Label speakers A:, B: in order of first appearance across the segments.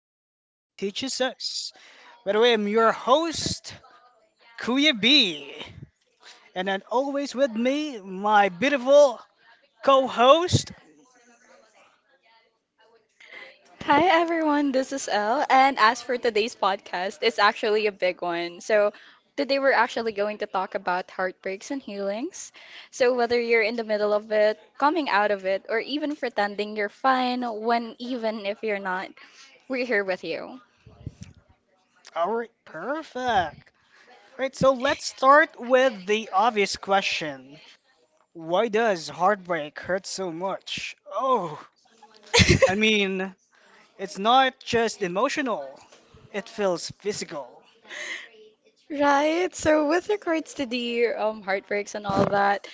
A: and everything it teaches us. By the way, I'm your host, Kuya B. And then always with me, my beautiful co host.
B: Hi everyone, this is Elle, and as for today's podcast, it's actually a big one. Today we're actually going to talk about heartbreaks and healings. So, whether you're in the middle of it, coming out of it, or even pretending you're fine when even if you're not, we're here with you.
A: All right, perfect. All right, so let's start with the obvious question. Why does heartbreak hurt so much? Oh, I mean, it's not just emotional, it feels physical.
B: Right, so with regards to the heartbreaks and all that,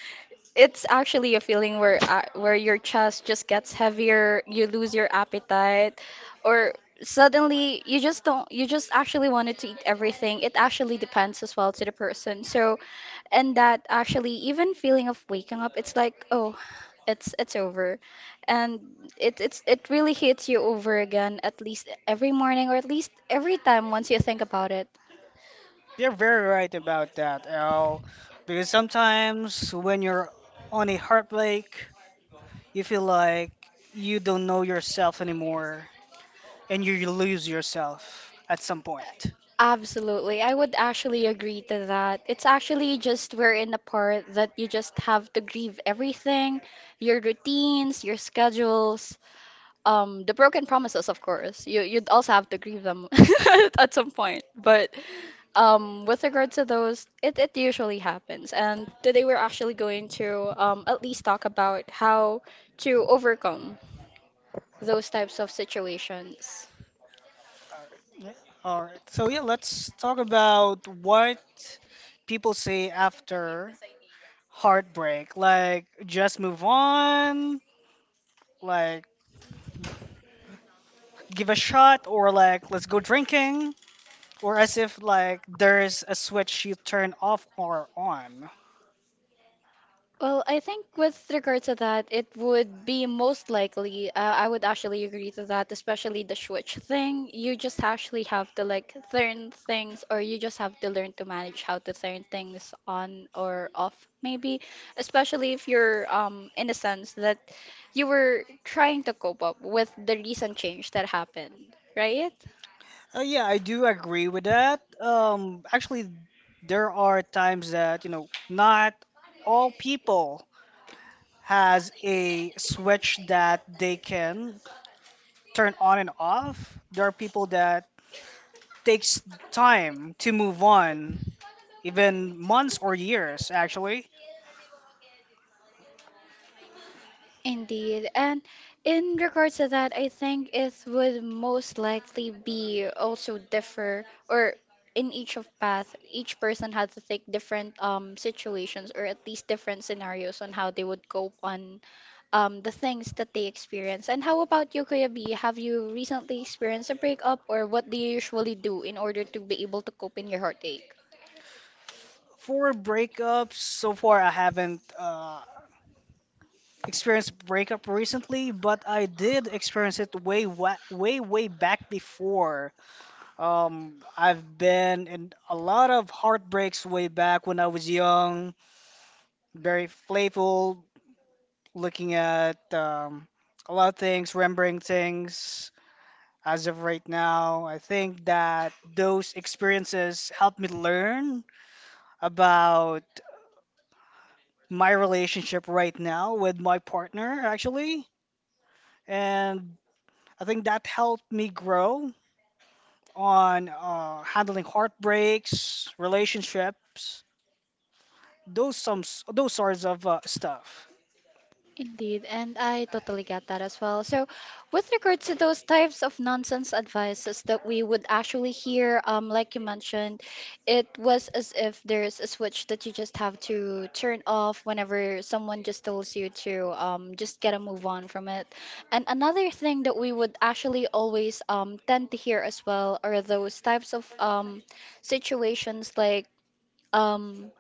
B: it's actually a feeling where where your chest just gets heavier, you lose your appetite, or suddenly you just don't you just actually wanted to eat everything. It actually depends as well to the person. So, and that actually even feeling of waking up, it's like, oh, it's over. And it really hits you over again at least every morning or at least every time once you think about it.
A: You're very right about that, Al. Because sometimes when you're on a heartbreak, you feel like you don't know yourself anymore and you lose yourself at some point.
B: Absolutely. I would actually agree to that. It's actually just we're in a part that you just have to grieve everything, your routines, your schedules, the broken promises, of course. You'd also have to grieve them at some point. But with regards to those, it usually happens. And today we're actually going to at least talk about how to overcome those types of situations.
A: Alright. Yeah. Alright. So, yeah, let's talk about what people say after heartbreak. Like, just move on, like, give a shot, or like, let's go drinking. Or as if like there's a switch you turn off or on.
B: Well, I think with regard to that, it would be most likely. I would actually agree to that, especially the switch thing. You just actually have to like turn things, or you just have to learn to manage how to turn things on or off, maybe. Especially if you're in a sense that you were trying to cope up with the recent change that happened, right?
A: Yeah, I do agree with that. Actually, there are times that you know not all people has a switch that they can turn on and off. There are people that takes time to move on, even months or years actually.
B: Indeed. And in regards to that, I think it would most likely be also differ or in each of path, each person had to take different situations or at least different scenarios on how they would cope on the things that they experience. And how about you, Kuya B? Have you recently experienced a breakup or what do you usually do in order to be able to cope in your heartache?
A: For breakups, so far I haven't experienced breakup recently, but I did experience it way way back before. I've been in a lot of heartbreaks way back when I was young, very playful, looking at a lot of things, remembering things. As of right now, I think that those experiences helped me learn about my relationship right now with my partner, actually. And I think that helped me grow on handling heartbreaks, relationships, those some those sorts of stuff.
B: Indeed, and I totally get that as well. So, with regards to those types of nonsense advices that we would actually hear, like you mentioned, it was as if there's a switch that you just have to turn off whenever someone just tells you to just get a move on from it. And another thing that we would actually always tend to hear as well are those types of situations like um,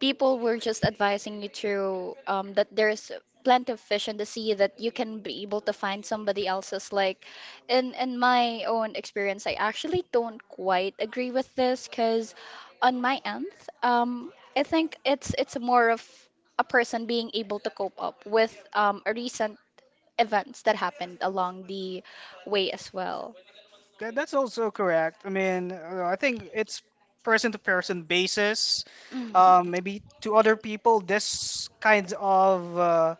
B: people were just advising you to that there's plenty of fish in the sea that you can be able to find somebody else's like in my own experience I actually don't quite agree with this because on my end I think it's more of a person being able to cope up with recent events that happened along the way as well.
A: That's also correct. I mean, I think it's person to person basis.
B: Mm.
A: Maybe to other people, this kind of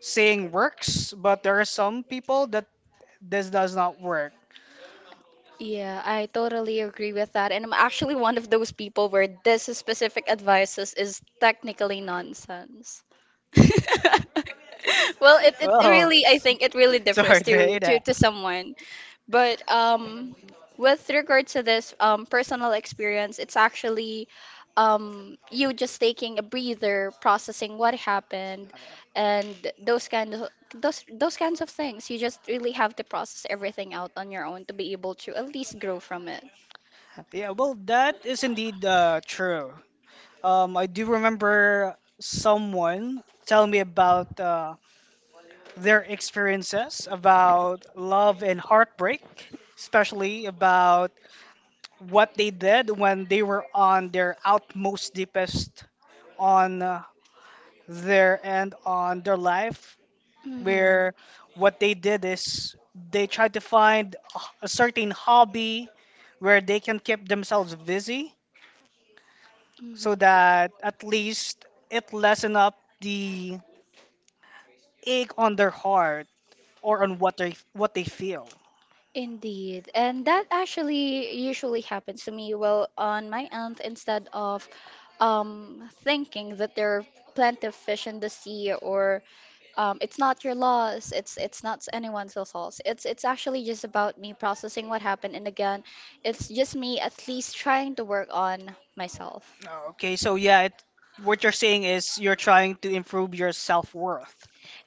A: saying works, but there are some people that this does not work.
B: Yeah, I totally agree with that. And I'm actually one of those people where this specific advice is technically nonsense. Well, it
A: Well,
B: really, I think it really
A: sorry
B: differs
A: to hear that.
B: to someone. But with regard to this personal experience, it's actually you just taking a breather, processing what happened,
A: Uh,
B: and those kind of those kinds of things. You just really have to process everything out on your own to be able to at least grow from it.
A: Yeah, well, that is indeed true. I do remember someone telling me about their experiences about love and heartbreak, especially about what they did when they were on their outmost deepest on their end on their life,
B: Mhm.
A: where what they did is they tried to find a certain hobby where they can keep themselves busy so
B: Mhm.
A: that at least it lessen up the ache on their heart or on what they feel.
B: Indeed. And that actually usually happens to me. Well, on my end, instead of thinking that there are plenty of fish in the sea or it's not your loss. It's not anyone's loss. It's actually just about me processing what happened, and again, it's just me at least trying to work on myself.
A: Oh, okay, so yeah, what you're saying is you're trying to improve your self worth.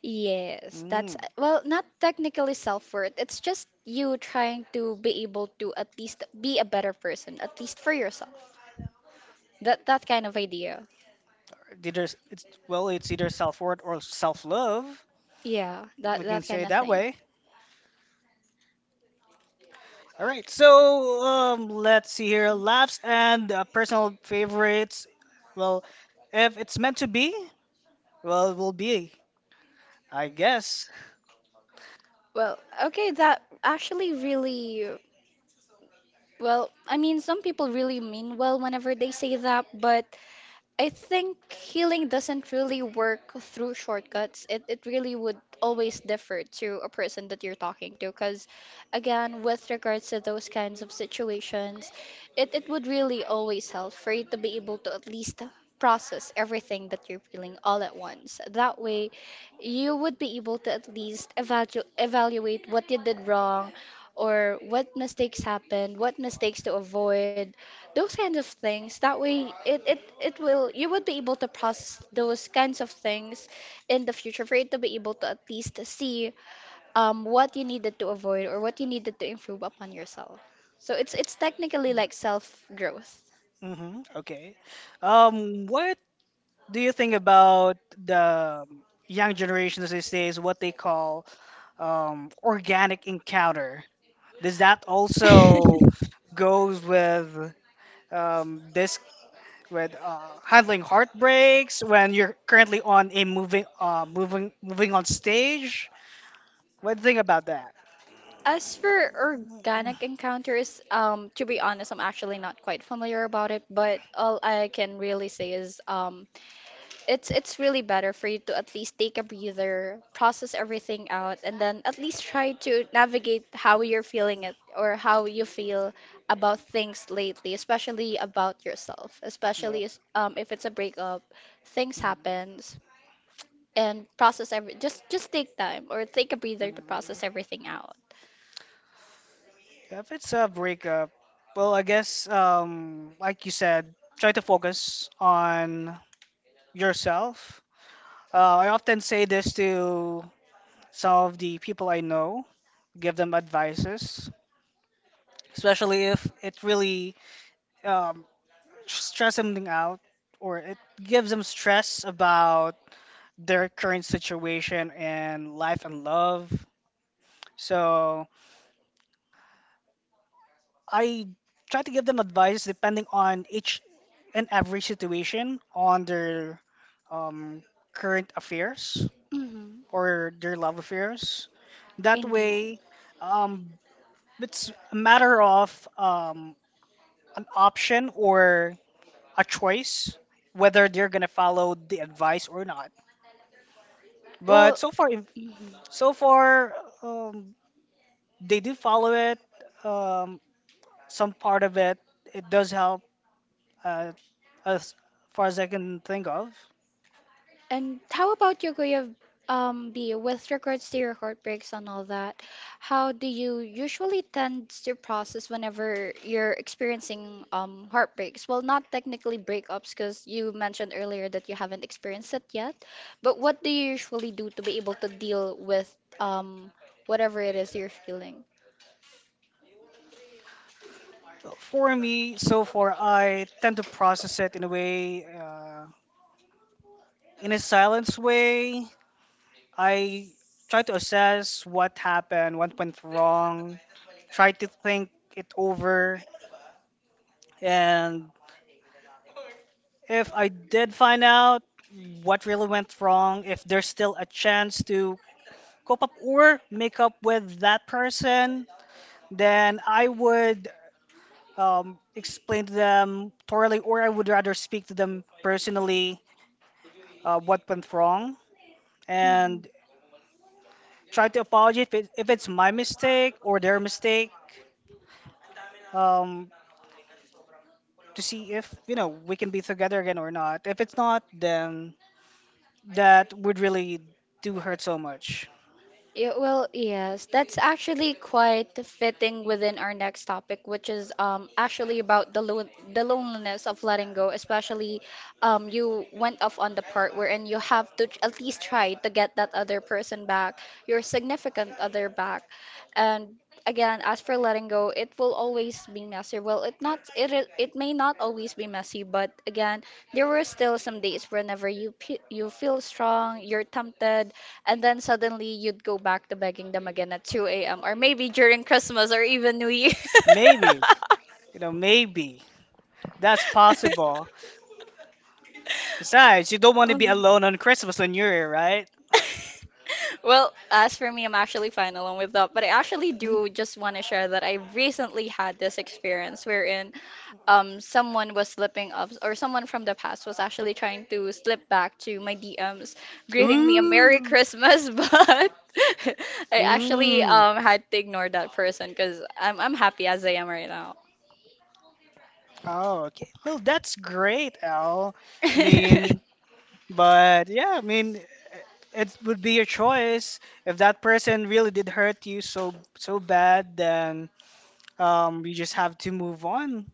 B: Yes, that's
A: Mm.
B: well, not technically self-worth. It's just you trying to be able to at least be a better person, at least for yourself. That kind of idea.
A: Either it's well, it's either self worth or self love.
B: Yeah, that
A: We can
B: that
A: say
B: kind
A: it
B: of
A: that
B: thing.
A: way. All right, so let's see here. Laughs and personal favorites. Well, if it's meant to be, well, it will be, I guess.
B: Well, okay, that actually really well, I mean, some people really mean well whenever they say that, but I think healing doesn't really work through shortcuts. It really would always differ to a person that you're talking to because again, with regards to those kinds of situations, it would really always help for you to be able to at least process everything that you're feeling all at once. That way, you would be able to at least evaluate what you did wrong or what mistakes happened, what mistakes to avoid, those kinds of things that way it will you would be able to process those kinds of things in the future for you to be able to at least see what you needed to avoid or what you needed to improve upon yourself so it's technically like self growth.
A: Hmm, okay. What do you think about the young generations these days, what they call organic encounter? Does that also goes with this with handling heartbreaks when you're currently on a moving on stage? What do you think about that?
B: As for organic encounters, to be honest, I'm actually not quite familiar about it, but all I can really say is it's really better for you to at least take a breather, process everything out, and then at least try to navigate how you're feeling it or how you feel about things lately, especially about yourself,
A: Yeah.
B: especially if it's a breakup, things
A: Mhm.
B: happens, and process every just take time or take a breather to
A: Mhm.
B: process everything out.
A: Yeah, if it's a breakup, well, I guess, like you said, try to focus on yourself. Uh, I often say this to some of the people I know, give them advices, especially if it really um, stress something out or it gives them stress about their current situation and life and love. So I try to give them advice depending on each and every situation on their um, current affairs
B: Hmm.
A: or their love affairs. That
B: Indeed.
A: way, um, it's a matter of um, an option or a choice whether they're gonna follow the advice or not. But
B: Well,
A: so far,
B: mhm.
A: so far, um, they do follow it. Um, some part of it, it does help uh, as far as I can think of.
B: And how about your way of B with regards to your heartbreaks and all that? How do you usually tend to process whenever you're experiencing heartbreaks? Well, not technically breakups because you mentioned earlier that you haven't experienced it yet, but what do you usually do to be able to deal with um whatever it is you're feeling?
A: Well, for me, so far, I tend to process it in a way, in a silence way. I try to assess what happened, what went wrong, try to think it over, and if I did find out what really went wrong, if there's still a chance to cope up or make up with that person, then I would explain to them thoroughly, or I would rather speak to them personally what went wrong and try to apologize if it's my mistake or their mistake um, to see if we can be together again or not. If it's not, then that would really do hurt so much.
B: Yeah, well, yes, that's actually quite fitting within our next topic, which is actually about the loneliness of letting go, especially you went off on the part wherein you have to at least try to get that other person back, your significant other back. And again, as for letting go, it will always be messy. Well, it may not always be messy, but again, there were still some days whenever you feel strong, you're tempted and then suddenly you'd go back to begging them again at 2 a.m. or maybe during Christmas or even New Year.
A: Maybe maybe that's possible. Besides, you don't want to be alone on Christmas and New Year, right?
B: Well, as for me, I'm actually fine along with that. But I actually do just want to share that I recently had this experience wherein someone was slipping up or someone from the past was actually trying to slip back to my DMs greeting me a Merry
A: Ooh,
B: Christmas but I actually
A: ooh.
B: had to ignore that person because I'm happy as I am right now.
A: Oh, okay. Well, that's great, Al. I mean, but yeah, I mean, it would be your choice. If that person really did hurt you so so bad, then you just have to move on,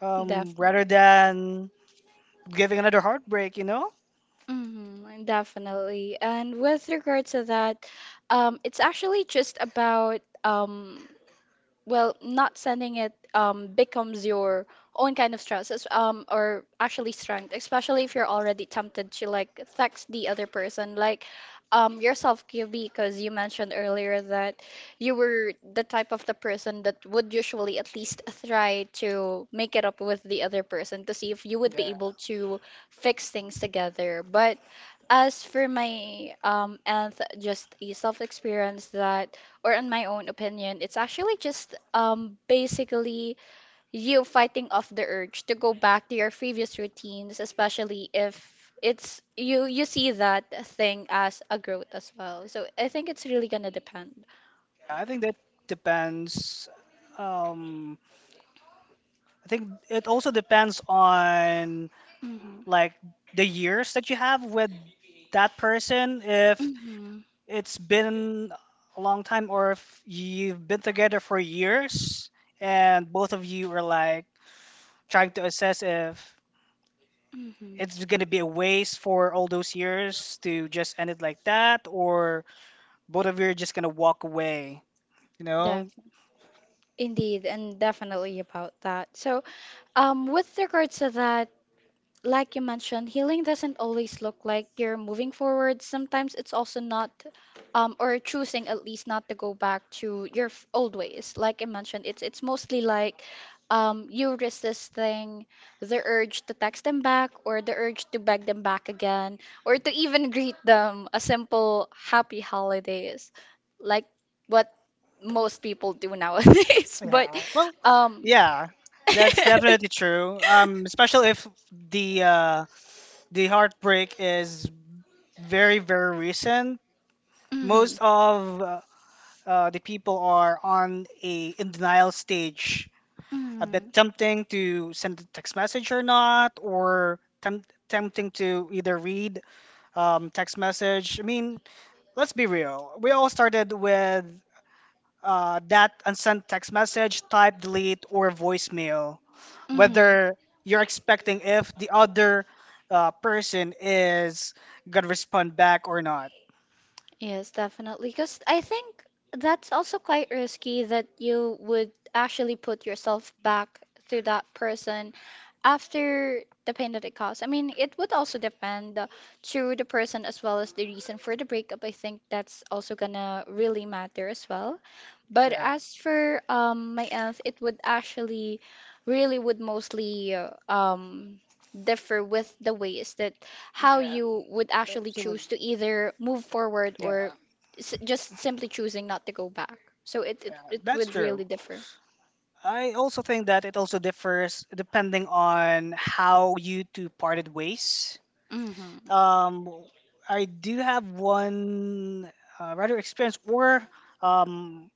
B: Def
A: rather than giving another heartbreak, you know?
B: Mhm, definitely. And with regard to that, it's actually just about well, not sending it becomes your own kind of stress, or actually strength, especially if you're already tempted to like text the other person, like yourself, QB, because you mentioned earlier that you were the type of the person that would usually at least try to make it up with the other person to see if you would be
A: Yeah,
B: able to fix things together. But as for my and just a self experience that or in my own opinion, it's actually just basically you fighting off the urge to go back to your previous routines, especially if it's you you see that thing as a growth as well. So I think it's really gonna depend.
A: I think that depends. Um, I think it also depends on
B: Mm-hmm.
A: like the years that you have with that person. If
B: Mm-hmm.
A: it's been a long time, or if you've been together for years and both of you are like trying to assess if
B: Mm-hmm.
A: it's gonna be a waste for all those years to just end it like that, or both of you are just gonna walk away, you know?
B: Def- Indeed, and definitely about that. So, with regards to that, like you mentioned, healing doesn't always look like you're moving forward. Sometimes it's also not, or choosing at least not to go back to old ways. Like I mentioned, it's mostly like, you resisting the urge to text them back or the urge to beg them back again or to even greet them a simple happy holidays, like what most people do nowadays. But,
A: Yeah. Well,
B: um,
A: yeah. That's definitely true. Especially if the uh, the heartbreak is very, very recent.
B: Mhm.
A: Most of the people are on a in denial stage,
B: with
A: a bit
B: Mm,
A: tempting to send a text message or not, or tempting to either read text message. I mean, let's be real. We all started with that unsent text message, type, delete, or voicemail.
B: mm-hmm.
A: Whether you're expecting if the other person is gonna respond back or not.
B: Yes, definitely. Because I think that's also quite risky that you would actually put yourself back to that person after the pain that it caused. I mean, it would also depend to the person as well as the reason for the breakup. I think that's also gonna really matter as well. But
A: Yeah,
B: as for my aunt, it would actually really would mostly differ with the ways that how
A: yeah,
B: you would actually
A: absolutely.
B: choose to either move forward
A: Yeah,
B: or s just simply choosing not to go back. So
A: yeah,
B: it
A: that's
B: would
A: true.
B: really differ.
A: I also think that it also differs depending on how you two parted ways.
B: Mm-hmm.
A: Um, I do have one rather experience, or um,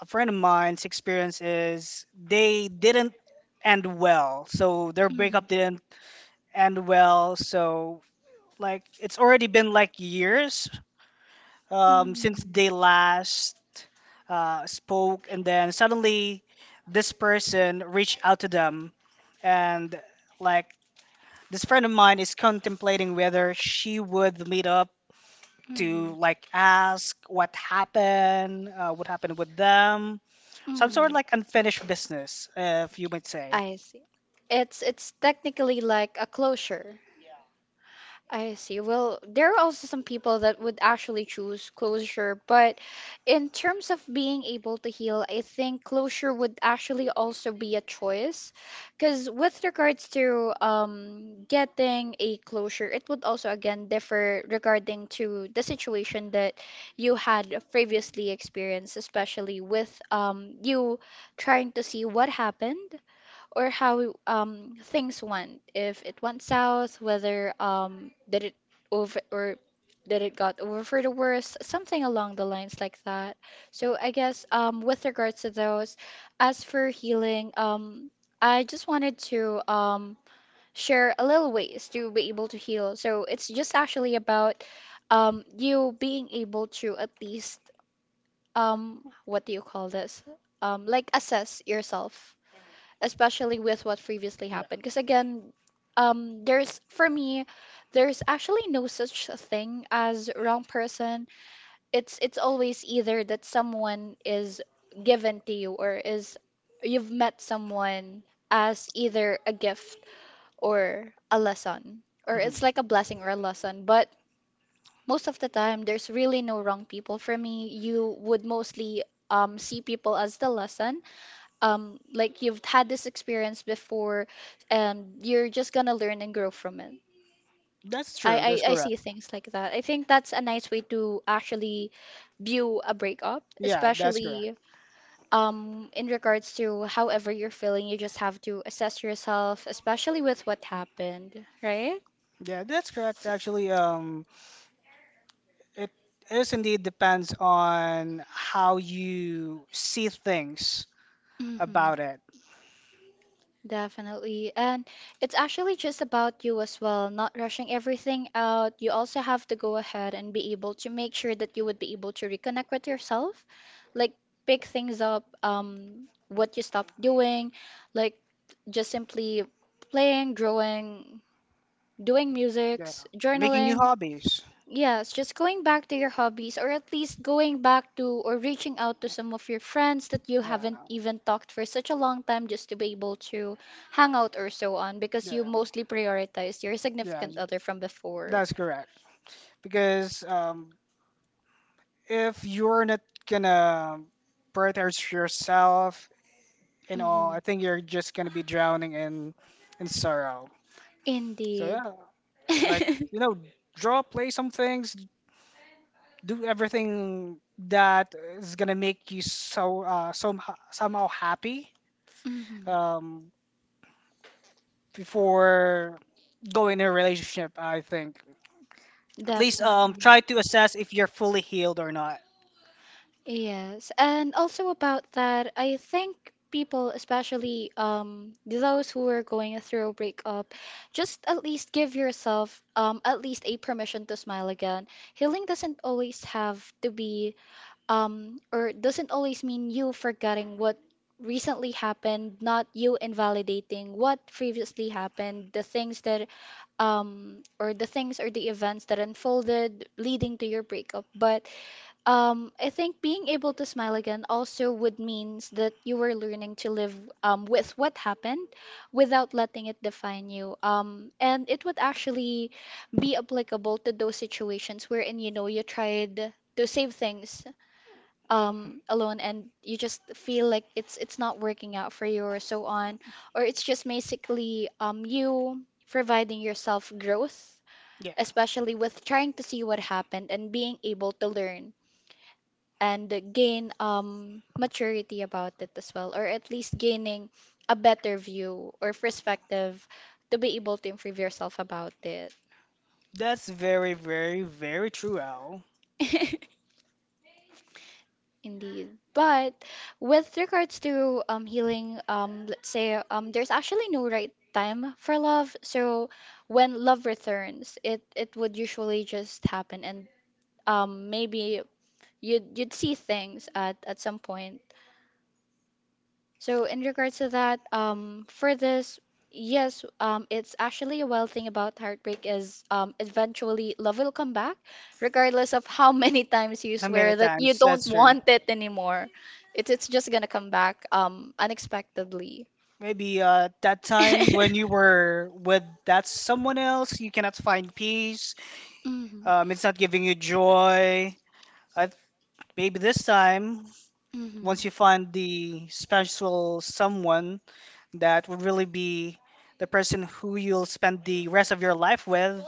A: a friend of mine's experience is they didn't end
B: Mm-hmm.
A: well, so their breakup didn't end well. So like it's already been like years, since they
B: Mm-hmm.
A: last spoke, and then suddenly this person reached out to them, and like this friend of mine is contemplating whether she would meet up to like ask what happened with them, some sort of like unfinished business, if you might say.
B: I see. It's technically like a closure. I see. Well, there are also some people that would actually choose closure, but in terms of being able to heal, I think closure would actually also be a choice. Because with regards to getting a closure, it would also again differ regarding to the situation that you had previously experienced, especially with you trying to see what happened or how things went if it went south whether did it over or did it got over for the worse, something along the lines like that. So I guess with regards to those, as for healing, I just wanted to share a little ways to be able to heal. So it's just actually about you being able to at least, what do you call this, like assess yourself, especially with what previously happened. Because again, there's, for me, there's actually no such a thing as wrong person. It's always either that someone is given to you or is you've met someone as either a gift or a lesson, or
A: Yeah. Mhm.
B: it's like a blessing or a lesson. But most of the time, there's really no wrong people. For me, you would mostly see people as the lesson, like you've had this experience before and you're just gonna learn and grow from it.
A: That's
B: I,
A: true. That's
B: I see
A: correct.
B: things like that. I think that's a nice way to actually view a breakup,
A: Yeah, that's correct.
B: especially in regards to however you're feeling. You just have to assess yourself, especially with what happened, right?
A: Yeah, that's correct. Actually, it is indeed depends on how you see things
B: Mhm.
A: about it.
B: Definitely. And it's actually just about you as well, not rushing everything out. You also have to go ahead and be able to make sure that you would be able to reconnect with yourself, like pick things up, what you stopped doing, like just simply playing, drawing, doing
A: Yeah.
B: musics,
A: Making new
B: journaling.
A: hobbies.
B: Yes, just going back to your hobbies, or at least going back to or reaching out to some of your friends that you
A: Yeah.
B: haven't even talked for such a long time just to be able to hang out or so on, because
A: Yeah.
B: you mostly prioritize your
A: Yeah.
B: significant other from before.
A: That's correct. Because if you're not gonna prioritize yourself and all,
B: Mhm.
A: I think you're just gonna be drowning in sorrow. So
B: Indeed.
A: yeah, like draw, play some things, do everything that is gonna make you so somehow happy
B: Mhm.
A: um, before going in a relationship. I think at least
B: Definitely.
A: try to assess if you're fully healed or not.
B: Yes, and also about that, I think people, especially those who are going through a breakup, just at least give yourself at least a permission to smile again. Healing doesn't always have to be or doesn't always mean you forgetting what recently happened, not you invalidating what previously happened, the things that or the things or the events that unfolded leading to your breakup, but I think being able to smile again also would means that you were learning to live, with what happened without letting it define you. And it would actually be applicable to those situations wherein you know you tried to save things alone and you just feel like it's not working out for you or so on, or it's just basically you providing yourself growth,
A: Yeah,
B: especially with trying to see what happened and being able to learn and gain maturity about it as well, or at least gaining a better view or perspective to be able to improve yourself about it.
A: that's very, very, very true, Al.
B: Indeed. But with regards to healing, let's say, there's actually no right time for love. So when love returns, it would usually just happen, and maybe you'd see things at some point. So in regards to that, for this, yes, it's actually a well thing about heartbreak is, eventually love will come back, regardless of how many times you
A: How many
B: swear that you
A: times?
B: don't
A: That's true.
B: want it anymore. It's just gonna come back unexpectedly.
A: Maybe that time when you were with that someone else, you cannot find peace.
B: Mhm.
A: It's not giving you joy. I, th- Maybe this time,
B: Mhm.
A: once you find the special someone that would really be the person who you'll spend the rest of your life with,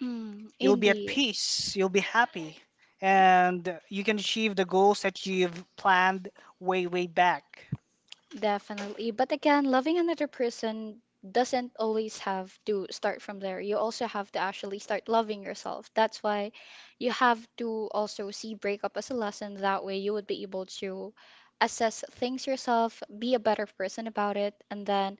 B: Mm,
A: you'll be at
B: indeed.
A: peace, you'll be happy, and you can achieve the goals that you've planned way, way back.
B: Definitely. But again, loving another person doesn't always have to start from there. You also have to actually start loving yourself. That's why you have to also see breakup as a lesson. That way, you would be able to assess things yourself, be a better person about it, and then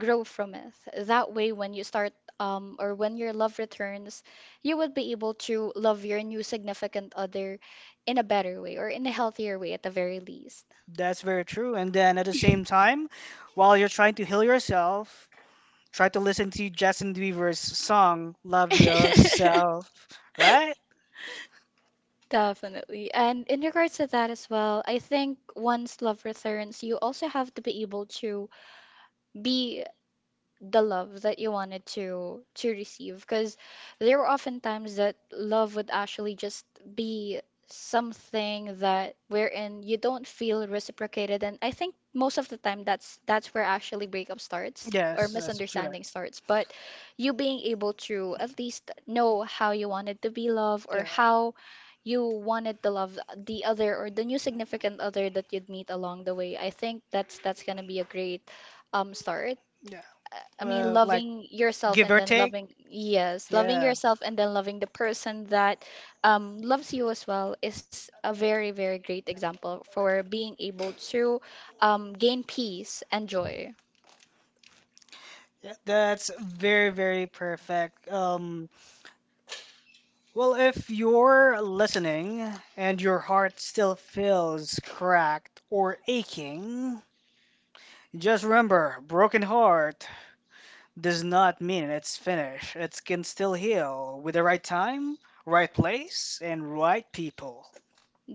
B: grow from it. That way, when you start, or when your love returns, you would be able to love your new significant other in a better way or in a healthier way at the very least.
A: That's very true. And then at the same time, while you're trying to heal yourself, try to listen to Justin Bieber's song, Love Yourself, right?
B: Definitely. And in regards to that as well, I think once love returns, you also have to be able to be the love that you wanted to receive, because there were often times that love would actually just be something that wherein you don't feel reciprocated, and I think most of the time that's where actually breakup starts or
A: Yes, that's
B: misunderstanding
A: correct.
B: starts. But you being able to at least know how you wanted to be loved, or
A: Yeah,
B: how you wanted to love the other or the new significant other that you'd meet along the way, I think that's gonna be a great start.
A: yeah.
B: I mean,
A: Well, like
B: loving yourself
A: give
B: and
A: or
B: then
A: take.
B: loving, yes, loving
A: Yeah,
B: yourself and then loving the person that loves you as well is a very, very great example for being able to gain peace and joy.
A: yeah, that's very, very perfect. Well, if you're listening and your heart still feels cracked or aching, just remember, broken heart does not mean it's finished. It can still heal with the right time, right place, and right people.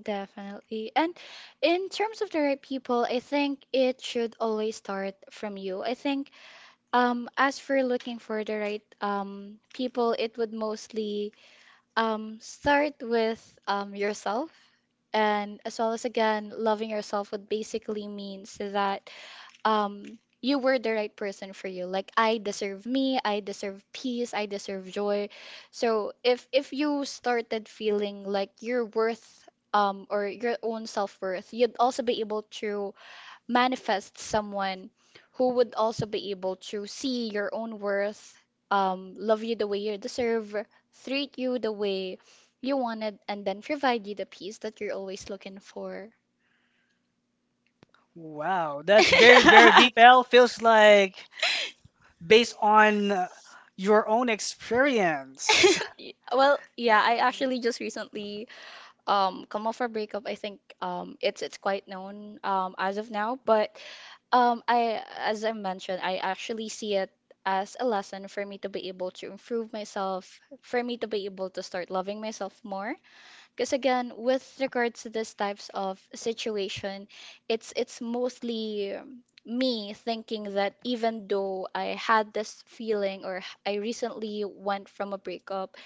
B: Definitely. And in terms of the right people, I think it should always start from you. I think as for looking for the right people, it would mostly start with yourself. And as well as again, loving yourself would basically means that you were the right person for you. Like I deserve me, I deserve peace, I deserve joy. So if you started feeling like your worth, or your own self worth, you'd also be able to manifest someone who would also be able to see your own worth, love you the way you deserve, treat you the way you wanted, and then provide you the peace that you're always looking for.
A: Wow, that's very, very deep, L. Feels like based on your own experience,
B: Well, yeah, I actually just recently come off a breakup. I think it's quite known as of now, but um, I, as I mentioned, I actually see it as a lesson for me to be able to improve myself, for me to be able to start loving myself more. Because again, with regards to these types of situation, it's mostly me thinking that even though I had this feeling or I recently went from a breakup,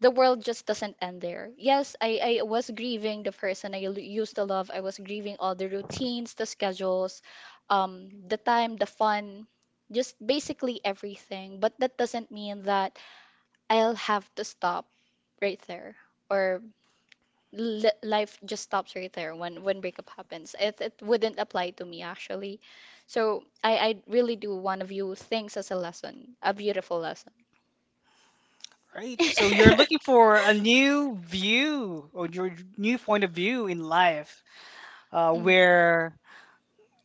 B: the world just doesn't end there. Yes, I was grieving the person I used to love. I was grieving all the routines, the schedules, the time, the fun, just basically everything. But that doesn't mean that I'll have to stop right there, or li life just stops right there when breakup happens. It wouldn't apply to me actually. So I really do want to view things as a lesson, a beautiful lesson.
A: right? So you're looking for a new view or your new point of view in life,
B: Mm.
A: where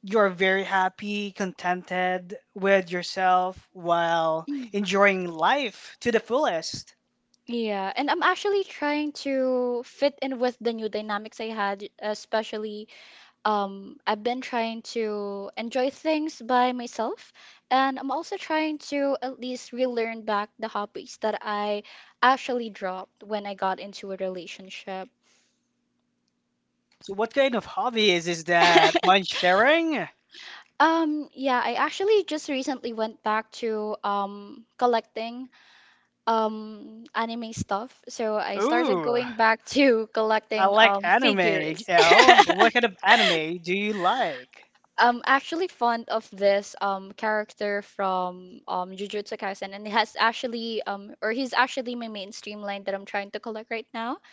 A: you're very happy, contented with yourself while
B: Mhm.
A: enjoying life to the fullest.
B: Yeah, and I'm actually trying to fit in with the new dynamics I had, especially I've been trying to enjoy things by myself, and I'm also trying to at least relearn back the hobbies that I actually dropped when I got into a relationship.
A: So what kind of hobby is that? Mind sharing?
B: Yeah, I actually just recently went back to collecting anime stuff. So I started
A: Ooh.
B: going back to
A: I
B: collecting
A: like anime,
B: figures.
A: yo. What kind of anime do you like?
B: I'm actually fond of this character from Jujutsu Kaisen, and he has actually or he's actually my mainstream line that I'm trying to collect right now.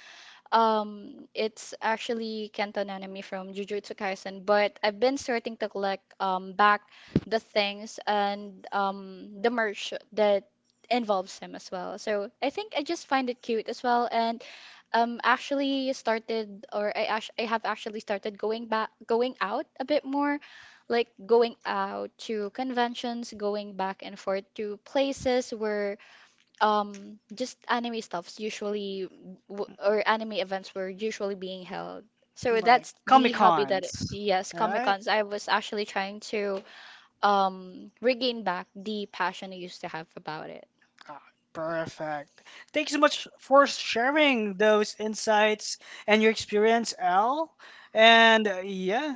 B: It's actually Kento Nanami from Jujutsu Kaisen, but I've been starting to collect back the things and the merch that involves him as well. So I think I just find it cute as well, and actually started, or I have actually started going back, going out a bit more, like going out to conventions, going back and forth to places where just anime stuffs usually or anime events were usually being held, so
A: Like
B: that's the
A: Comic
B: hobby that,
A: Cons.
B: yes, Comic
A: Alright?
B: Cons. I was actually trying to regain back the passion I used to have about it.
A: Ah, perfect. Thank you so much for sharing those insights and your experience, Al. And yeah,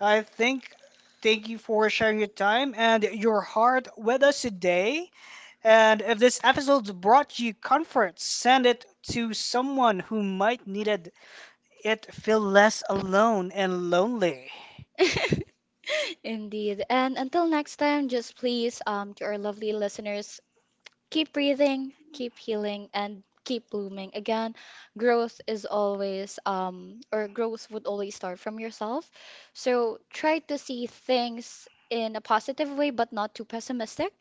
A: I think thank you for sharing your time and your heart with us today. And if this episode brought you comfort, send it to someone who might need it feel less alone and lonely.
B: Indeed. And until next time, just please, to our lovely listeners, keep breathing, keep healing, and keep blooming. Again, growth is always, or growth would always start from yourself. So try to see things in a positive way, but not too pessimistic.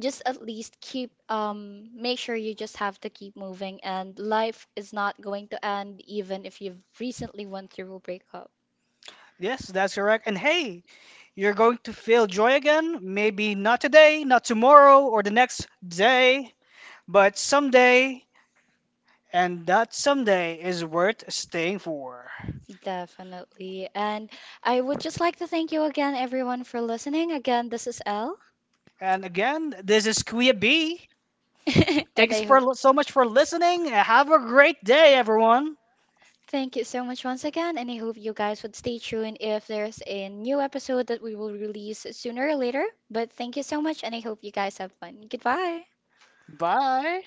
B: Just at least keep, make sure you just have to keep moving, and life is not going to end, even if you've recently went through a breakup.
A: Yes, that's correct. And hey, you're going to feel joy again. Maybe not today, not tomorrow, or the next day, but someday. And that someday is worth staying for.
B: Definitely. And I would just like to thank you again, everyone, for listening. Again, this is Elle.
A: And again, this is Kuya B.
B: And
A: Thanks
B: I hope.
A: for so much for listening. Have a great day, everyone.
B: Thank you so much once again, and I hope you guys would stay tuned if there's a new episode that we will release sooner or later. But thank you so much, and I hope you guys have fun. Goodbye.
A: Bye.